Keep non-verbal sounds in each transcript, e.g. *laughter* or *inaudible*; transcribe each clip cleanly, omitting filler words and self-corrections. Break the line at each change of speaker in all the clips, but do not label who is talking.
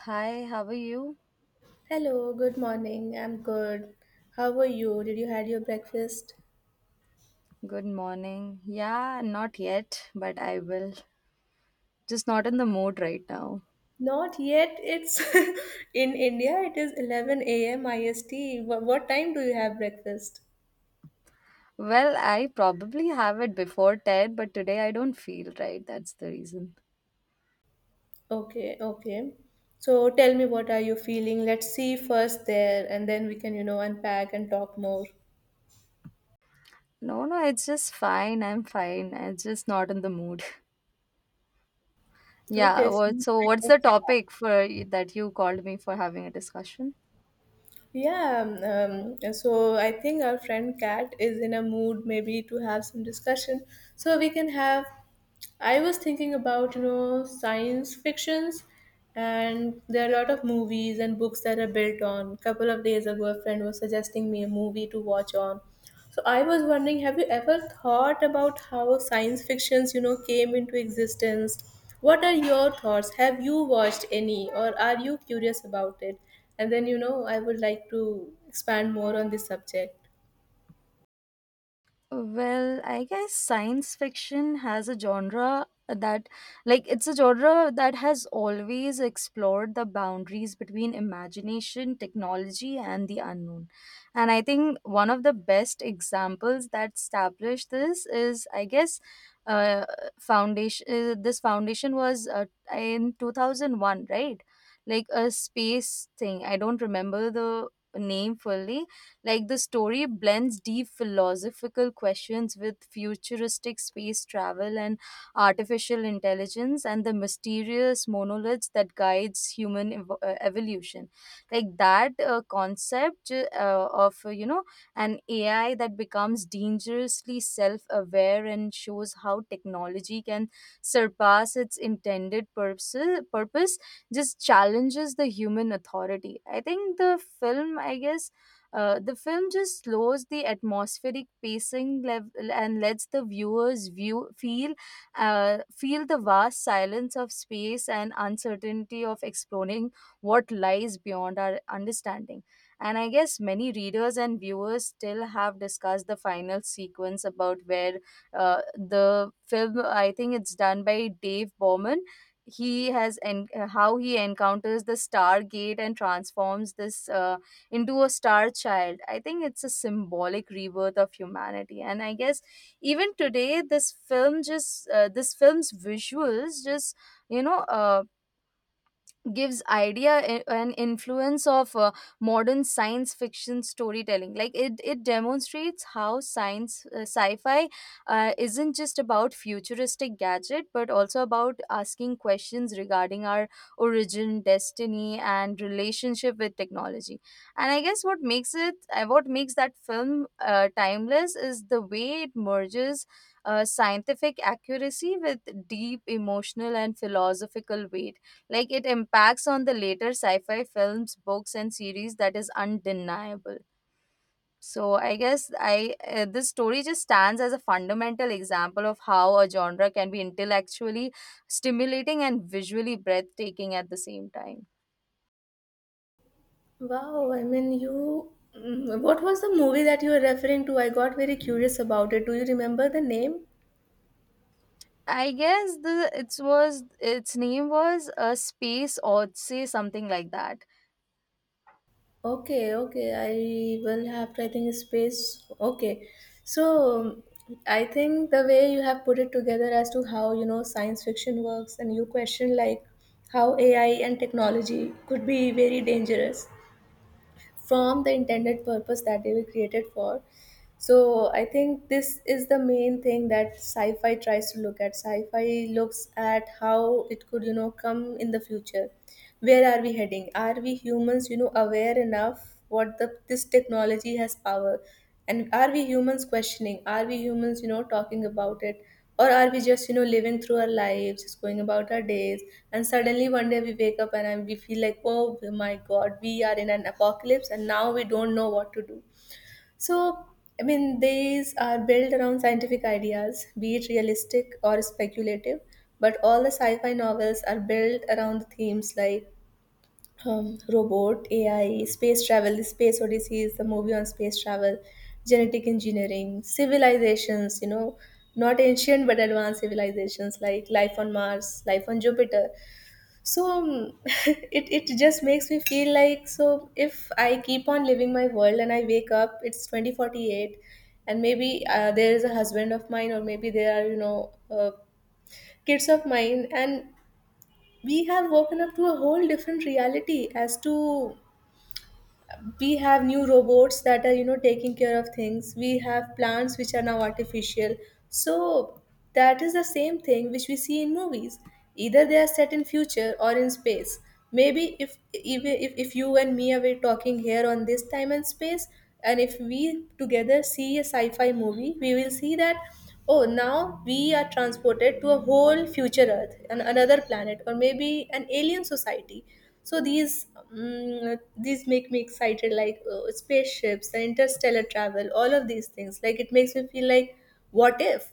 Hi, how are you?
Hello, good morning. I'm good. How are you? Did you had your breakfast?
Good morning. Yeah, not yet, but I will. Just not in the mood right now.
Not yet. It's *laughs* in India. It is 11 a.m. IST. What time do you have breakfast?
Well, I probably have it before 10, but today I don't feel right. That's the reason.
Okay, okay. So tell me what are you feeling? Let's see first there, and then we can, unpack and talk more.
No, no, it's just fine. I'm fine. I'm just not in the mood. *laughs* Yeah,
Okay.
so what's the topic for that you called me for having a discussion?
Yeah. So I think our friend Kat is in a mood maybe to have some discussion. So we can have. I was thinking about, science fictions, and there are a lot of movies and books that are built on. Couple of days ago a friend was suggesting me a movie to watch on. So I was wondering, have you ever thought about how science fictions, came into existence? What are your thoughts? Have you watched any, or are you curious about it? And then, I would like to expand more on this subject.
Well, I guess science fiction has a genre that, like, it's a genre that has always explored the boundaries between imagination, technology, and the unknown. And I think one of the best examples that established this is, uh, foundation. This foundation was in 2001, right? Like a space thing. I don't remember the name fully. Like the story blends deep philosophical questions with futuristic space travel and artificial intelligence and the mysterious monoliths that guides evolution. Like that concept of you know, an AI that becomes dangerously self-aware and shows how technology can surpass its intended purpose, just challenges the human authority. I think the film, I guess, the film just slows the atmospheric pacing level and lets the viewers view feel feel the vast silence of space and uncertainty of exploring what lies beyond our understanding. And I guess many readers and viewers still have discussed the final sequence about where the film, I think, it's done by Dave Bowman. He has and how he encounters the Stargate and transforms this. Into a star child. I think it's a symbolic rebirth of humanity. And I guess even today, this film just, this film's visuals just, you know, uh, gives idea and influence of modern science fiction storytelling. Like it demonstrates how science sci-fi isn't just about futuristic gadget but also about asking questions regarding our origin, destiny, and relationship with technology. And I guess what makes that film timeless is the way it merges scientific accuracy with deep emotional and philosophical weight. Like it impacts on the later sci-fi films, books, and series that is undeniable. So I guess I this story just stands as a fundamental example of how a genre can be intellectually stimulating and visually breathtaking at the same time.
Wow, I mean, what was the movie that you were referring to? I got very curious about it. Do you remember the name?
I guess the it was, its name was a space odyssey, something like that.
Okay, okay. I will have, I think, space. Okay. So, I think the way you have put it together as to how, science fiction works, and you question, like, how AI and technology could be very dangerous from the intended purpose that they were created for. So I think this is the main thing that sci-fi tries to look at. Sci-fi looks at how it could, come in the future. Where are we heading? Are we humans, aware enough what the this technology has power? And are we humans questioning? Are we humans, talking about it? Or are we just, living through our lives, just going about our days? And suddenly one day we wake up, and we feel like, oh my god, we are in an apocalypse, and now we don't know what to do. So, I mean, these are built around scientific ideas, be it realistic or speculative. But all the sci fi novels are built around themes like robot, AI, space travel, the Space Odyssey is the movie on space travel, genetic engineering, civilizations, not ancient but advanced civilizations, like life on Mars, life on Jupiter. So *laughs* it just makes me feel like, so if I keep on living my world and I wake up, it's 2048, and maybe there is a husband of mine, or maybe there are, kids of mine, and we have woken up to a whole different reality, as to we have new robots that are, taking care of things, we have plants which are now artificial. So that is the same thing which we see in movies, either they are set in future or in space. Maybe if even if you and me are we talking here on this time and space, and if we together see a sci-fi movie, we will see that, oh, now we are transported to a whole future earth, another planet, or maybe an alien society. So these, mm these make me excited, like spaceships, the interstellar travel, all of these things, like it makes me feel like, what if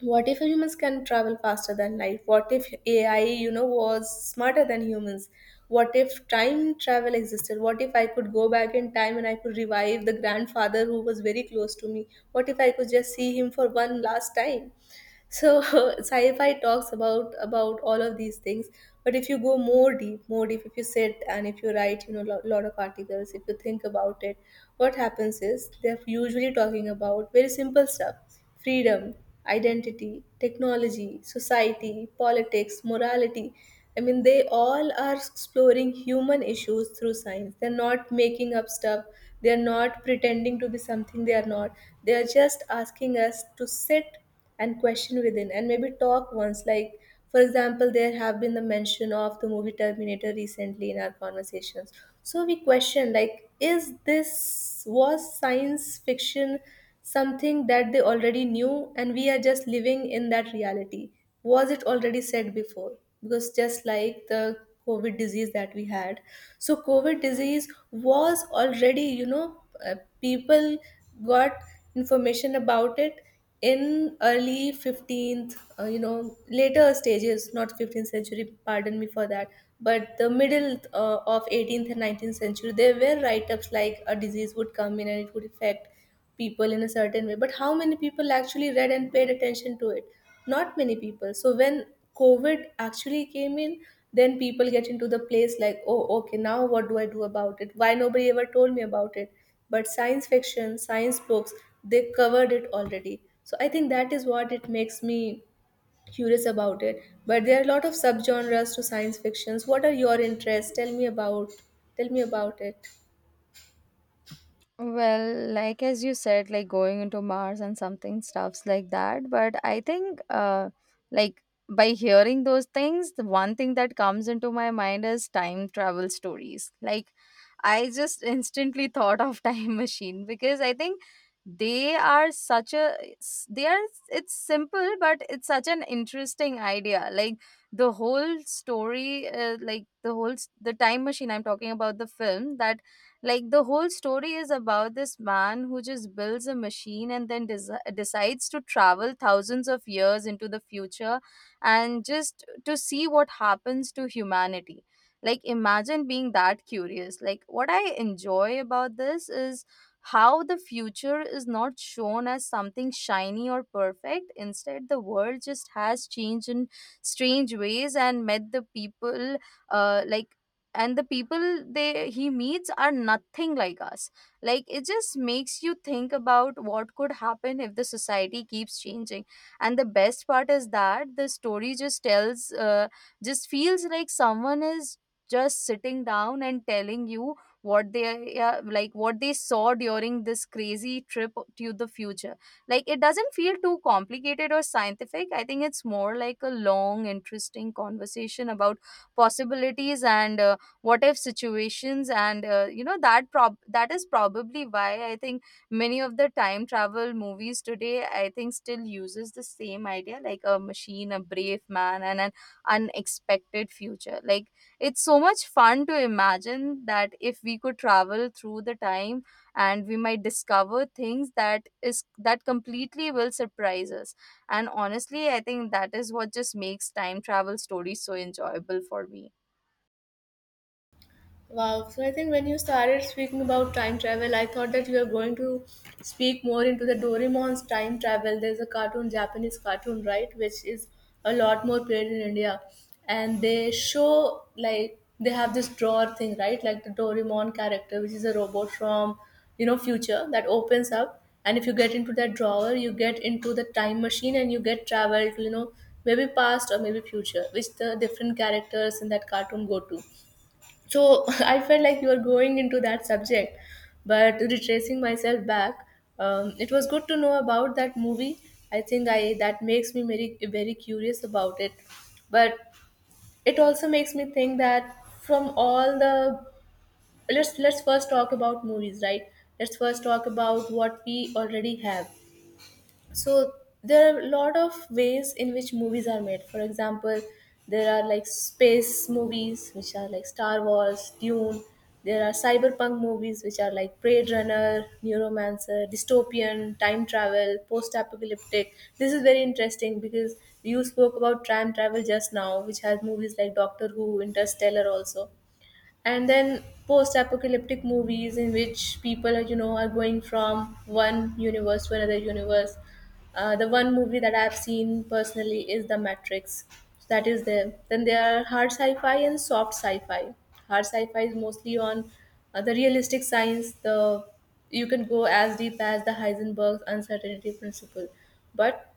what if humans can travel faster than light, what if AI, was smarter than humans, what if time travel existed, what if I could go back in time and I could revive the grandfather who was very close to me, what if I could just see him for one last time. So *laughs* sci-fi talks about all of these things. But if you go more deep, more deep, if you sit and if you write, lot of articles, if you think about it, what happens is they're usually talking about very simple stuff. Freedom, identity, technology, society, politics, morality. I mean, they all are exploring human issues through science. They're not making up stuff, they're not pretending to be something they are not, they are just asking us to sit and question within, and maybe talk once, like, for example, there have been the mention of the movie Terminator recently in our conversations. So we question like, is this, was science fiction something that they already knew and we are just living in that reality? Was it already said before? Because just like the covid disease that we had. So covid disease was already, uh, people got information about it in early 15th, later stages, not 15th century, pardon me for that, but the middle of 18th and 19th century, there were write-ups like a disease would come in and it would affect people in a certain way. But how many people actually read and paid attention to it? Not many people. So when covid actually came in, then people get into the place like, oh, okay, now what do I do about it? Why nobody ever told me about it? But science fiction, science books, they covered it already. So I think that is what it makes me curious about it. But there are a lot of subgenres to science fictions. What are your interests? Tell me about it.
Well, like as you said, like going into Mars and something stuffs like that. But I think, like by hearing those things, the one thing that comes into my mind is time travel stories. Like I just instantly thought of *laughs* Time Machine because I think they are, it's simple but it's such an interesting idea. Like the whole story, the time machine I'm talking about, the film, that, like, the whole story is about this man who just builds a machine and then desi decides to travel thousands of years into the future and just to see what happens to humanity. Like imagine being that curious. Like what I enjoy about this is how the future is not shown as something shiny or perfect. Instead, the world just has changed in strange ways and met the people, like and the people they he meets are nothing like us. Like it just makes you think about what could happen if the society keeps changing. And the best part is that the story just tells just feels like someone is just sitting down and telling you what they like what they saw during this crazy trip to the future. Like it doesn't feel too complicated or scientific. I think it's more like a long interesting conversation about possibilities and, what if situations and you know, that is probably why, I think, many of the time travel movies today, I think, still uses the same idea, like a machine, a brave man, and an unexpected future. Like it's so much fun to imagine that if we could travel through the time, and we might discover things that is, that completely will surprise us. And honestly, I think that is what just makes time travel stories so enjoyable for me.
Wow. So I think when you started speaking about time travel, I thought that you were going to speak more into the Doraemon's time travel. There's a cartoon, Japanese cartoon, right, which is a lot more played in India, and they show like they have this drawer thing, right, like the Doraemon character, which is a robot from, future, that opens up, and if you get into that drawer, you get into the time machine and you get traveled, to, maybe past or maybe future, which the different characters in that cartoon go to. So *laughs* I felt like you were going into that subject. But retracing myself back, it was good to know about that movie. I think I that makes me very, very curious about it. But it also makes me think that, from all the, let's first talk about movies, right? Let's first talk about what we already have. So there are a lot of ways in which movies are made. For example, there are like space movies which are like Star Wars, Dune. There are cyberpunk movies which are like Blade Runner, Neuromancer, Dystopian, Time Travel, Post Apocalyptic. This is very interesting because you spoke about time travel just now, which has movies like Doctor Who, Interstellar also. And then post-apocalyptic movies in which people are you know are going from one universe to another universe. The one movie that I've seen personally is the Matrix. So that is there. Then there are hard sci-fi and soft sci-fi. Hard sci-fi is mostly on the realistic science, the you can go as deep as the Heisenberg's uncertainty principle. But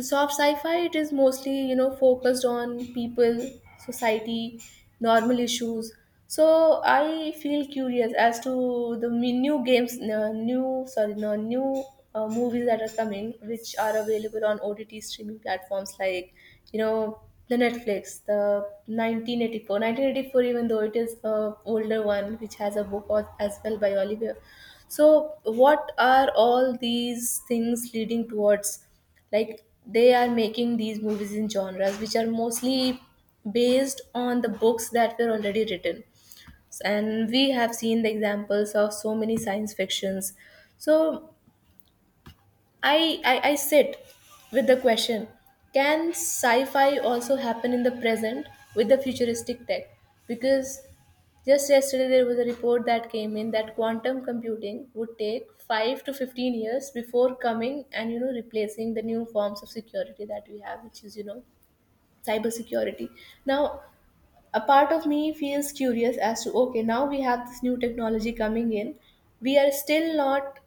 soft sci-fi, it is mostly, focused on people, society, normal issues. So I feel curious as to the new games, new, sorry, no, new, movies that are coming, which are available on ott streaming platforms like, you know the Netflix, the 1984 even though it is a older one, which has a book as well by Oliver. So what are all these things leading towards, like they are making these movies in genres which are mostly based on the books that were already written, and we have seen the examples of so many science fictions. So I sit with the question: can sci-fi also happen in the present with the futuristic tech? Because just yesterday there was a report that came in that quantum computing would take 5 to 15 years before coming and, replacing the new forms of security that we have, which is, cybersecurity. Now a part of me feels curious as to, okay, now we have this new technology coming in, we are still not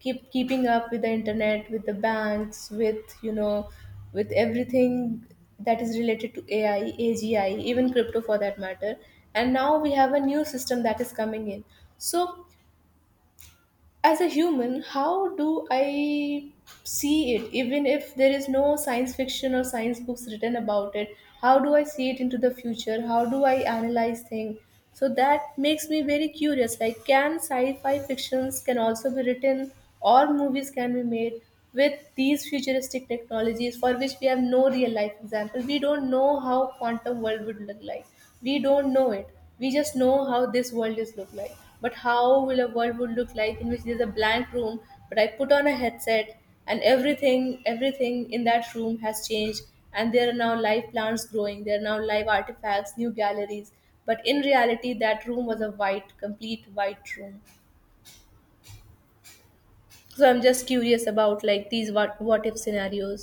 keeping up with the internet, with the banks, with with everything that is related to ai, agi, even crypto for that matter, and now we have a new system that is coming in. So as a human, how do I see it, even if there is no science fiction or science books written about it? How do I see it into the future? How do I analyze things? So that makes me very curious, like can sci-fi fictions can also be written or movies can be made with these futuristic technologies for which we have no real life example? We don't know how quantum world would look like. We don't know it. We just know how this world is look like. But how will a world would look like in which there's a blank room, but I put on a headset, and everything in that room has changed, and there are now live plants growing, there are now live artifacts, new galleries, but in reality that room was a white, complete white room? So I'm just curious about like these what if scenarios.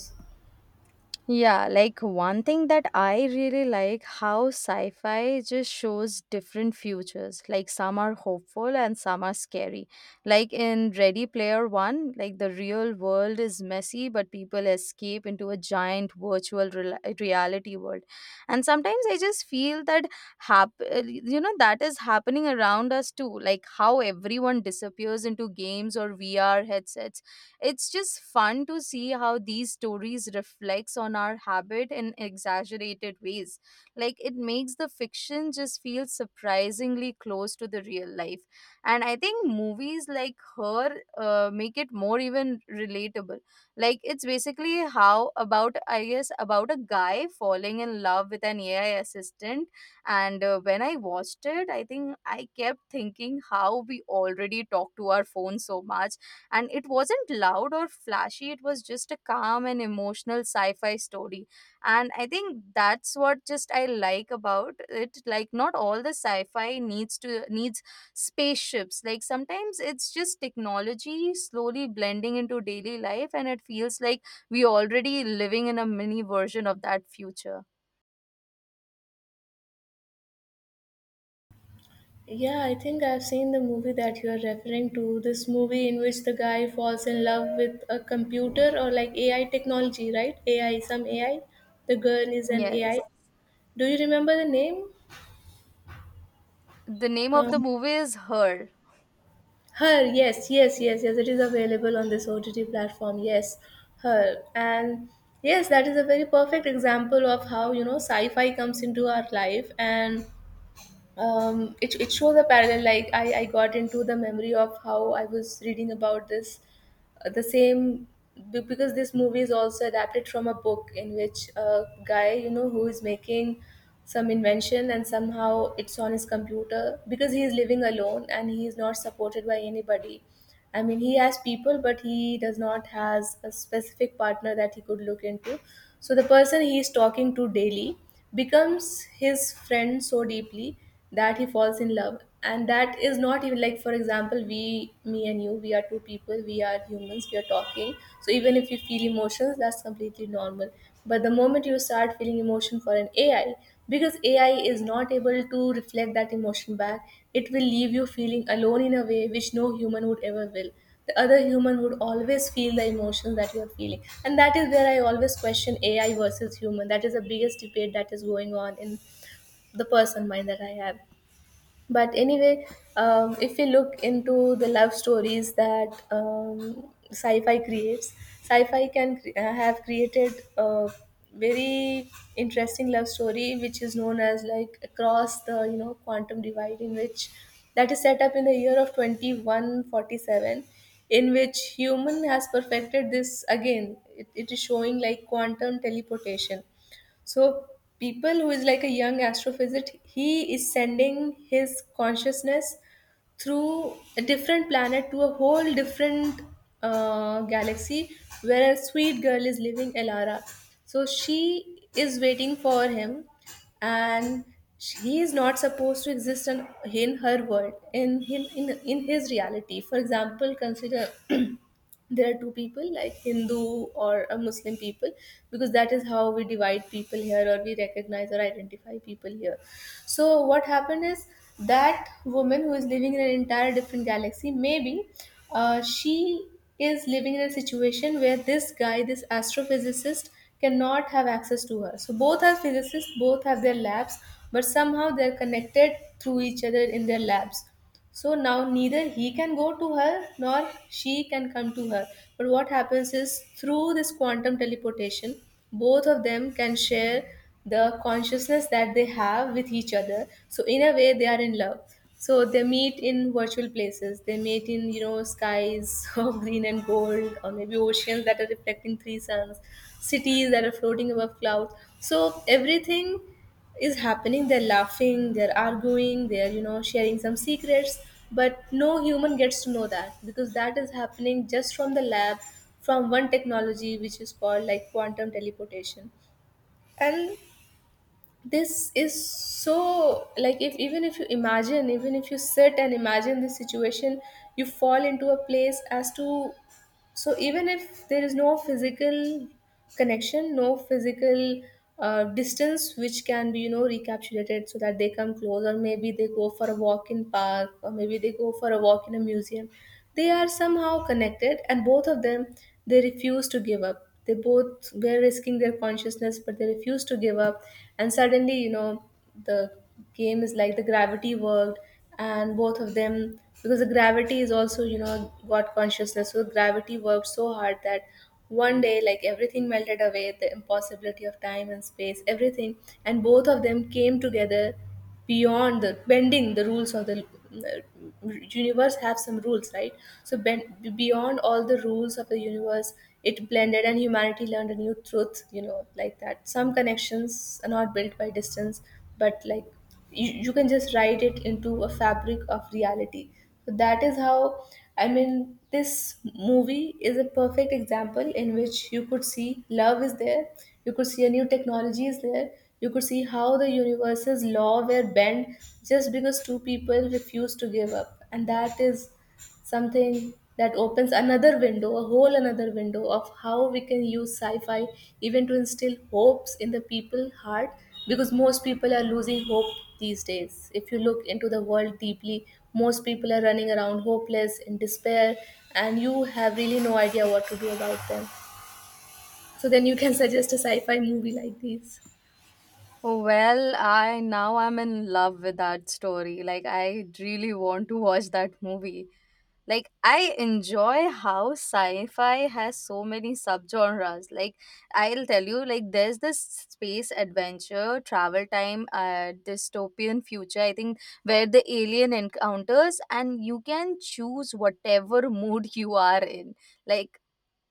Yeah, like one thing that I really like, how sci-fi just shows different futures. Like some are hopeful and some are scary. Like in Ready Player One, like the real world is messy, but people escape into a giant reality world. And sometimes I just feel that, you know, that is happening around us too. Like how everyone disappears into games or VR headsets. It's just fun to see how these stories reflects on our habit in exaggerated ways. Like it makes the fiction just feel surprisingly close to the real life. And I think movies like her make it more even relatable. Like it's basically how about, I guess, about a guy falling in love with an AI assistant. And when I watched it, I think I kept thinking how we already talk to our phone so much. And it wasn't loud or flashy, it was just a calm and emotional sci fi story. And I think that's what just I like about it. Like, not all the sci fi needs spaceships. Like, sometimes it's just technology slowly blending into daily life, and it feels like we already living in a mini version of that future.
Yeah, I think I've seen the movie that you are referring to. This movie in which the guy falls in love with a computer or like AI technology, right? AI, some AI. The girl is an
Yes.
AI. Do you remember the name?
The name of the
Um,
movie is Her.
Her, yes, yes, yes, yes. It is available on this OTT platform. Yes, her. And yes, that is a very perfect example of how, you know, sci fi comes into our life, and it shows a parallel. Like I got into the memory of how I was reading about this the same, because this movie is also adapted from a book in which a guy, you know, who is making some invention, and somehow it's on his computer because he is living alone and he is not supported by anybody. I mean, he has people, but he does not has a specific partner that he could look into. So the person he is talking to daily becomes his friend so deeply that he falls in love. And that is not even like, for example, we, me and you, we are two people, we are humans, we are talking, so even if you feel emotions, that's completely normal. But the moment you start feeling emotion for an ai, because ai is not able to reflect that emotion back, it will leave you feeling alone in a way which no human would ever will. The other human would always feel the emotion that you're feeling, and that is where I always question ai versus human. That is the biggest debate that is going on in the person mind that I have. But anyway, if we look into the love stories that sci-fi creates, sci-fi have created a very interesting love story, which is known as like across the, you know, quantum divide, in which that is set up in the year of 2147, in which human has perfected this. Again, it is showing like quantum teleportation. So people who is like a young astrophysicist, he is sending his consciousness through a different planet to a whole different galaxy, where a sweet girl is living, Elara. So she is waiting for him, and he is not supposed to exist in her world, in his reality. For example, consider *clears throat* there are two people like hindu or a muslim people, because that is how we divide people here, or we recognize or identify people here. So what happened is that woman who is living in an entire different galaxy, maybe she is living in a situation where this guy, this astrophysicist, cannot have access to her. So both are physicists, both have their labs, but somehow they're connected through each other in their labs. So now neither he can go to her nor she can come to her. But what happens is through this quantum teleportation, both of them can share the consciousness that they have with each other. So in a way, they are in love. So they meet in virtual places. They meet in, you know, skies *laughs* of green and gold, or maybe oceans that are reflecting three suns, cities that are floating above clouds. So everything is happening, they're laughing, they're arguing, they're, you know, sharing some secrets, but no human gets to know that, because that is happening just from the lab, from one technology which is called like quantum teleportation. And this is so, like, if even if you imagine, even if you sit and imagine this situation, you fall into a place as to, so even if there is no physical connection, no physical distance which can be, you know, recapitulated so that they come close, or maybe they go for a walk in park, or maybe they go for a walk in a museum, they are somehow connected, and both of them, they refuse to give up. They both were risking their consciousness, but they refuse to give up. And suddenly, you know, the game is like the gravity worked, and both of them, because the gravity is also, you know, got consciousness, so gravity worked so hard that one day, like, everything melted away, the impossibility of time and space, everything, and both of them came together beyond the bending, the rules of the, universe have some rules, right? So bend, beyond all the rules of the universe, it blended, and humanity learned a new truth, you know, like that some connections are not built by distance, but like you can just write it into a fabric of reality. So that is how, I mean, this movie is a perfect example in which you could see love is there, you could see a new technology is there, you could see how the universe's law were bent, just because two people refused to give up. And that is something that opens another window, a whole another window of how we can use sci-fi even to instill hopes in the people heart, because most people are losing hope these days. If you look into the world deeply, most people are running around hopeless in despair, and you have really no idea what to do about them. So then you can *laughs* suggest a sci-fi movie like these.
Well, I now I'm in love with that story. Like I really want to watch that movie. Like I enjoy how sci-fi has so many subgenres. Like I'll tell you, like there's this space adventure, travel time, dystopian future. I think where the alien encounters and you can choose whatever mood you are in. Like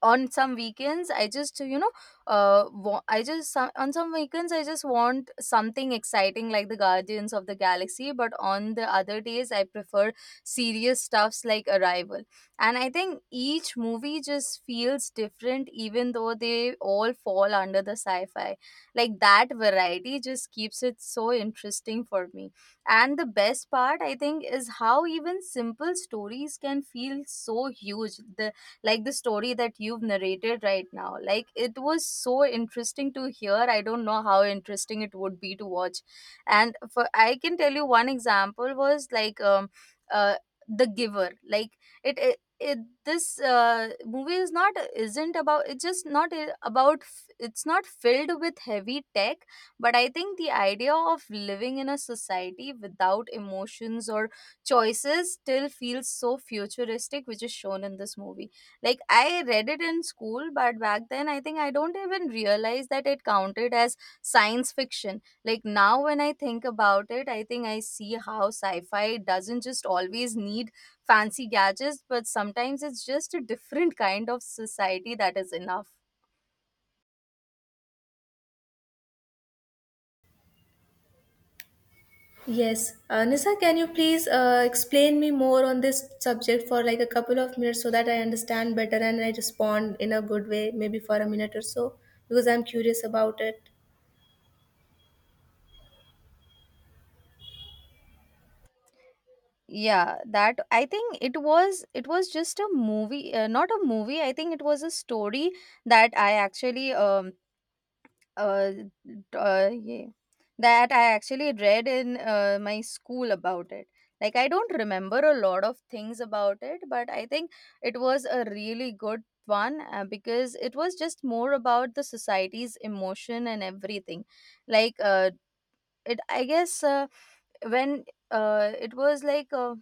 on some weekends, I just, you know, on some weekends I just want something exciting like the Guardians of the Galaxy, but on the other days I prefer serious stuffs like arrival. And I think each movie just feels different even though they all fall under the sci-fi. Like that variety just keeps it so interesting for me. And the best part, I think, is how even simple stories can feel so huge. The like the story that you've narrated right now, like it was so interesting to hear. I don't know how interesting it would be to watch. And for, I can tell you one example was, like, uh the giver. Like it this movie is not, isn't about it's just not I- about f- it's not filled with heavy tech. But I think the idea of living in a society without emotions or choices still feels so futuristic, which is shown in this movie. Like I read it in school, but back then I think I don't even realize that it counted as science fiction. Like now when I think about it, I think I see how sci-fi doesn't just always need fancy gadgets, but sometimes it's just a different kind of society that is enough.
Yes, Nisa, can you please explain me more on this subject for like a couple of minutes, so that I understand better and I respond in a good way, maybe for a minute or so, because I'm curious about it.
Yeah, that, I think it was, it was just a movie, not a movie I think it was a story that I actually, uh, uh yeah that I actually read in my school about it. Like I don't remember a lot of things about it, but I think it was a really good one, because it was just more about the society's emotion and everything. Like, it I guess when it was like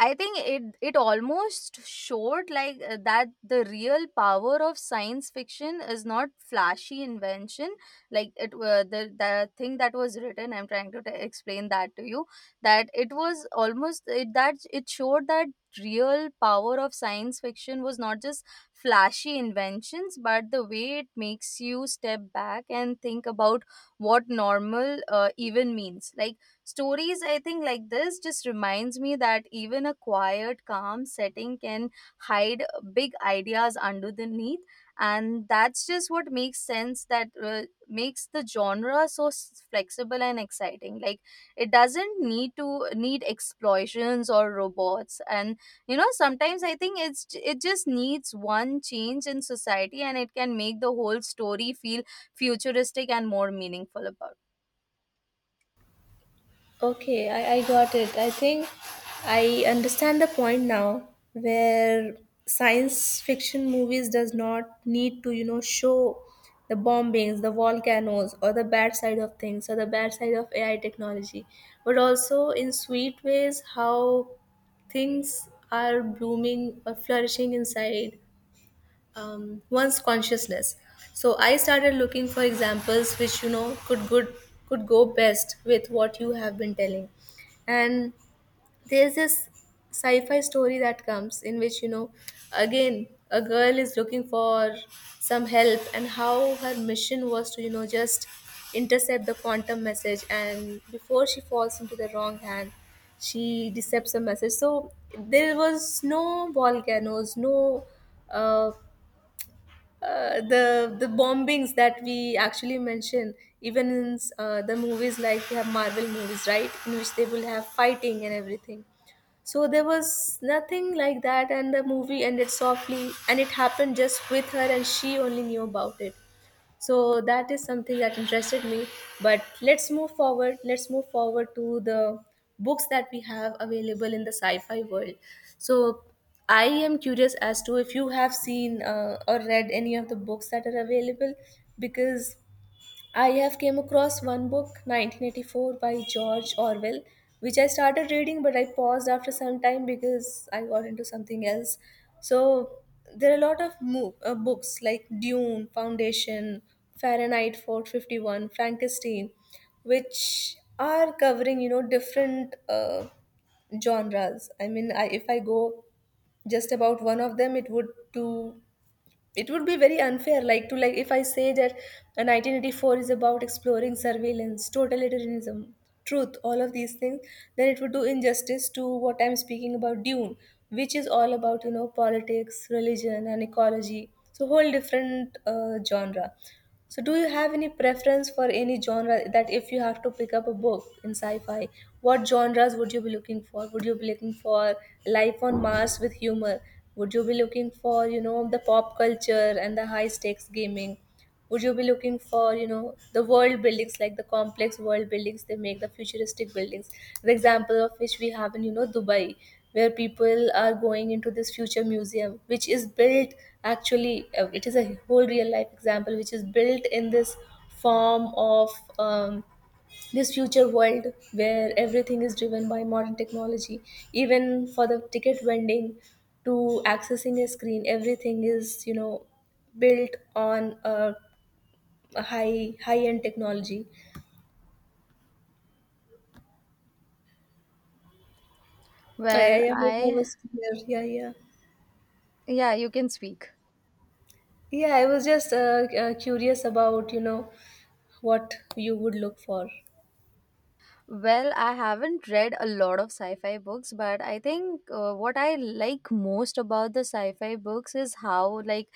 I think it almost showed, like, that the real power of science fiction is not flashy invention. Like it the thing that was written, I'm trying to explain that to you, that it was almost, it that it showed that real power of science fiction was not just flashy inventions but the way it makes you step back and think about what normal even means. Like stories, I think, like this just reminds me that even a quiet, calm setting can hide big ideas underneath, and that's just what makes sense. That makes the genre so flexible and exciting. Like it doesn't need explosions or robots, and, you know, sometimes I think it just needs one change in society, and it can make the whole story feel futuristic and more meaningful about.
Okay, I got it. I think I understand the point now, where science fiction movies does not need to, you know, show the bombings, the volcanoes, or the bad side of things, or the bad side of AI technology, but also in sweet ways how things are blooming or flourishing inside one's consciousness. So I started looking for examples which, you know, could good could go best with what you have been telling. And there's this sci-fi story that comes in which, you know, again a girl is looking for some help, and how her mission was to, you know, just intercept the quantum message, and before she falls into the wrong hand, she decepts a message. So there was no volcanoes, no uh, the bombings that we actually mention, even in the movies, like we have marvel movies, right, in which they will have fighting and everything. So there was nothing like that, and the movie ended softly, and it happened just with her, and she only knew about it. So that is something that interested me. But let's move forward, to the books that we have available in the sci-fi world. So I am curious as to if you have seen or read any of the books that are available, because I have came across one book, 1984 by George Orwell, which I started reading, but I paused after some time because I got into something else. So there are a lot of books like Dune, Foundation, Fahrenheit 451, Frankenstein, which are covering, you know, different genres. I mean, I, if I go just about one of them, it would do, it would be very unfair, like to like, if I say that 1984 is about exploring surveillance, totalitarianism, truth, all of these things, then it would do injustice to what I'm speaking about dune, which is all about, you know, politics, religion, and ecology, so whole different genre. So, do you have any preference for any genre, that if you have to pick up a book in sci fi, what genres would you be looking for? Would you be looking for life on Mars with humor? Would you be looking for, you know, the pop culture and the high stakes gaming? Would you be looking for, you know, the world buildings, like the complex world buildings they make, the futuristic buildings? The example of which we have in, you know, Dubai, where people are going into this future museum, which is built. Actually, it is a whole real life example which is built in this form of um, this future world, where everything is driven by modern technology. Even for the ticket vending to accessing a screen, everything is, you know, built on a high end technology.
Well,
I hope I
I.
was clear. Yeah, yeah.
Yeah, you can speak.
Yeah, I was just curious about, you know, what you would look for.
Well, I haven't read a lot of sci fi books, but I think, what I like most about the sci fi books is how, like,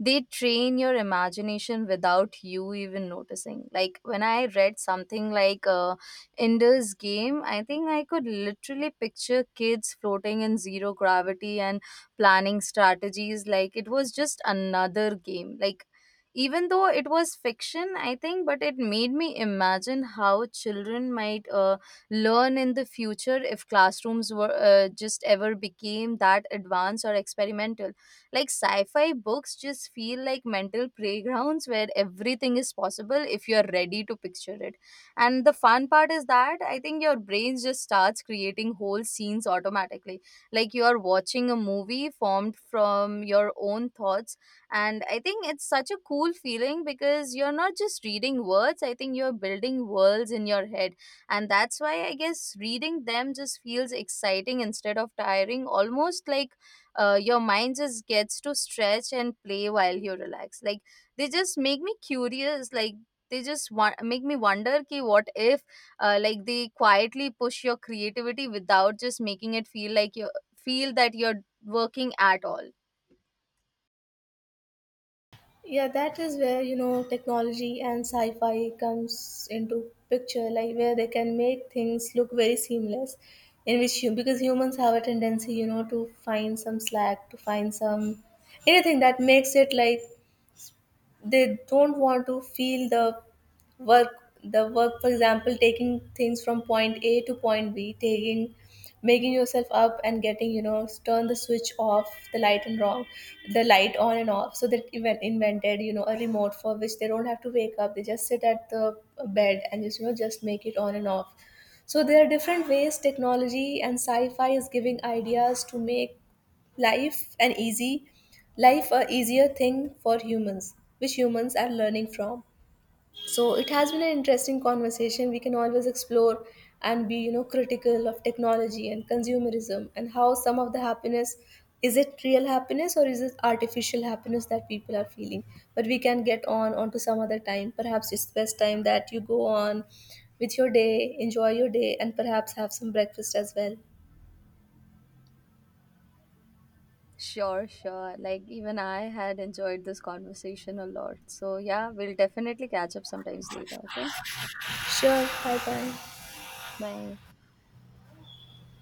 they train your imagination without you even noticing. Like, when I read something like, Ender's Game, I think I could literally picture kids floating in zero gravity and planning strategies. Like, it was just another game. Like, even though it was fiction, I think, but it made me imagine how children might learn in the future if classrooms were, just ever became that advanced or experimental. Like sci-fi books just feel like mental playgrounds where everything is possible if you're ready to picture it. And the fun part is that, I think, your brain just starts creating whole scenes automatically, like you are watching a movie formed from your own thoughts. And I think it's such a cool feeling because you're not just reading words, I think you're building worlds in your head. And that's why, I guess, reading them just feels exciting instead of tiring, almost like, your mind just gets to stretch and play while you relax. Like they just make me curious, like they just want make me wonder, ki what if, like they quietly push your creativity without just making it feel like you feel that you're working at all.
Yeah, that is where, you know, technology and sci-fi comes into picture, like where they can make things look very seamless, in which you, because humans have a tendency, you know, to find some slack, to find some anything that makes it like they don't want to feel the work, for example, taking things from point a to point b, taking, making yourself up and getting, you know, turn the switch off the light, and wrong the light on and off, so they even invented, you know, a remote for which they don't have to wake up, they just sit at the bed and just, you know, just make it on and off. So there are different ways technology and sci-fi is giving ideas to make life an easy, life a easier thing for humans, which humans are learning from. So it has been an interesting conversation, we can always explore and be, you know, critical of technology and consumerism, and how some of the happiness, is it real happiness or is it artificial happiness that people are feeling. But we can get on onto some other time, perhaps it's best time that you go on with your day, enjoy your day, and perhaps have some breakfast as well.
Sure, sure. Like, even I had enjoyed this conversation a lot. So, yeah, we'll definitely catch up sometimes later. Okay.
Sure, bye bye.
Bye.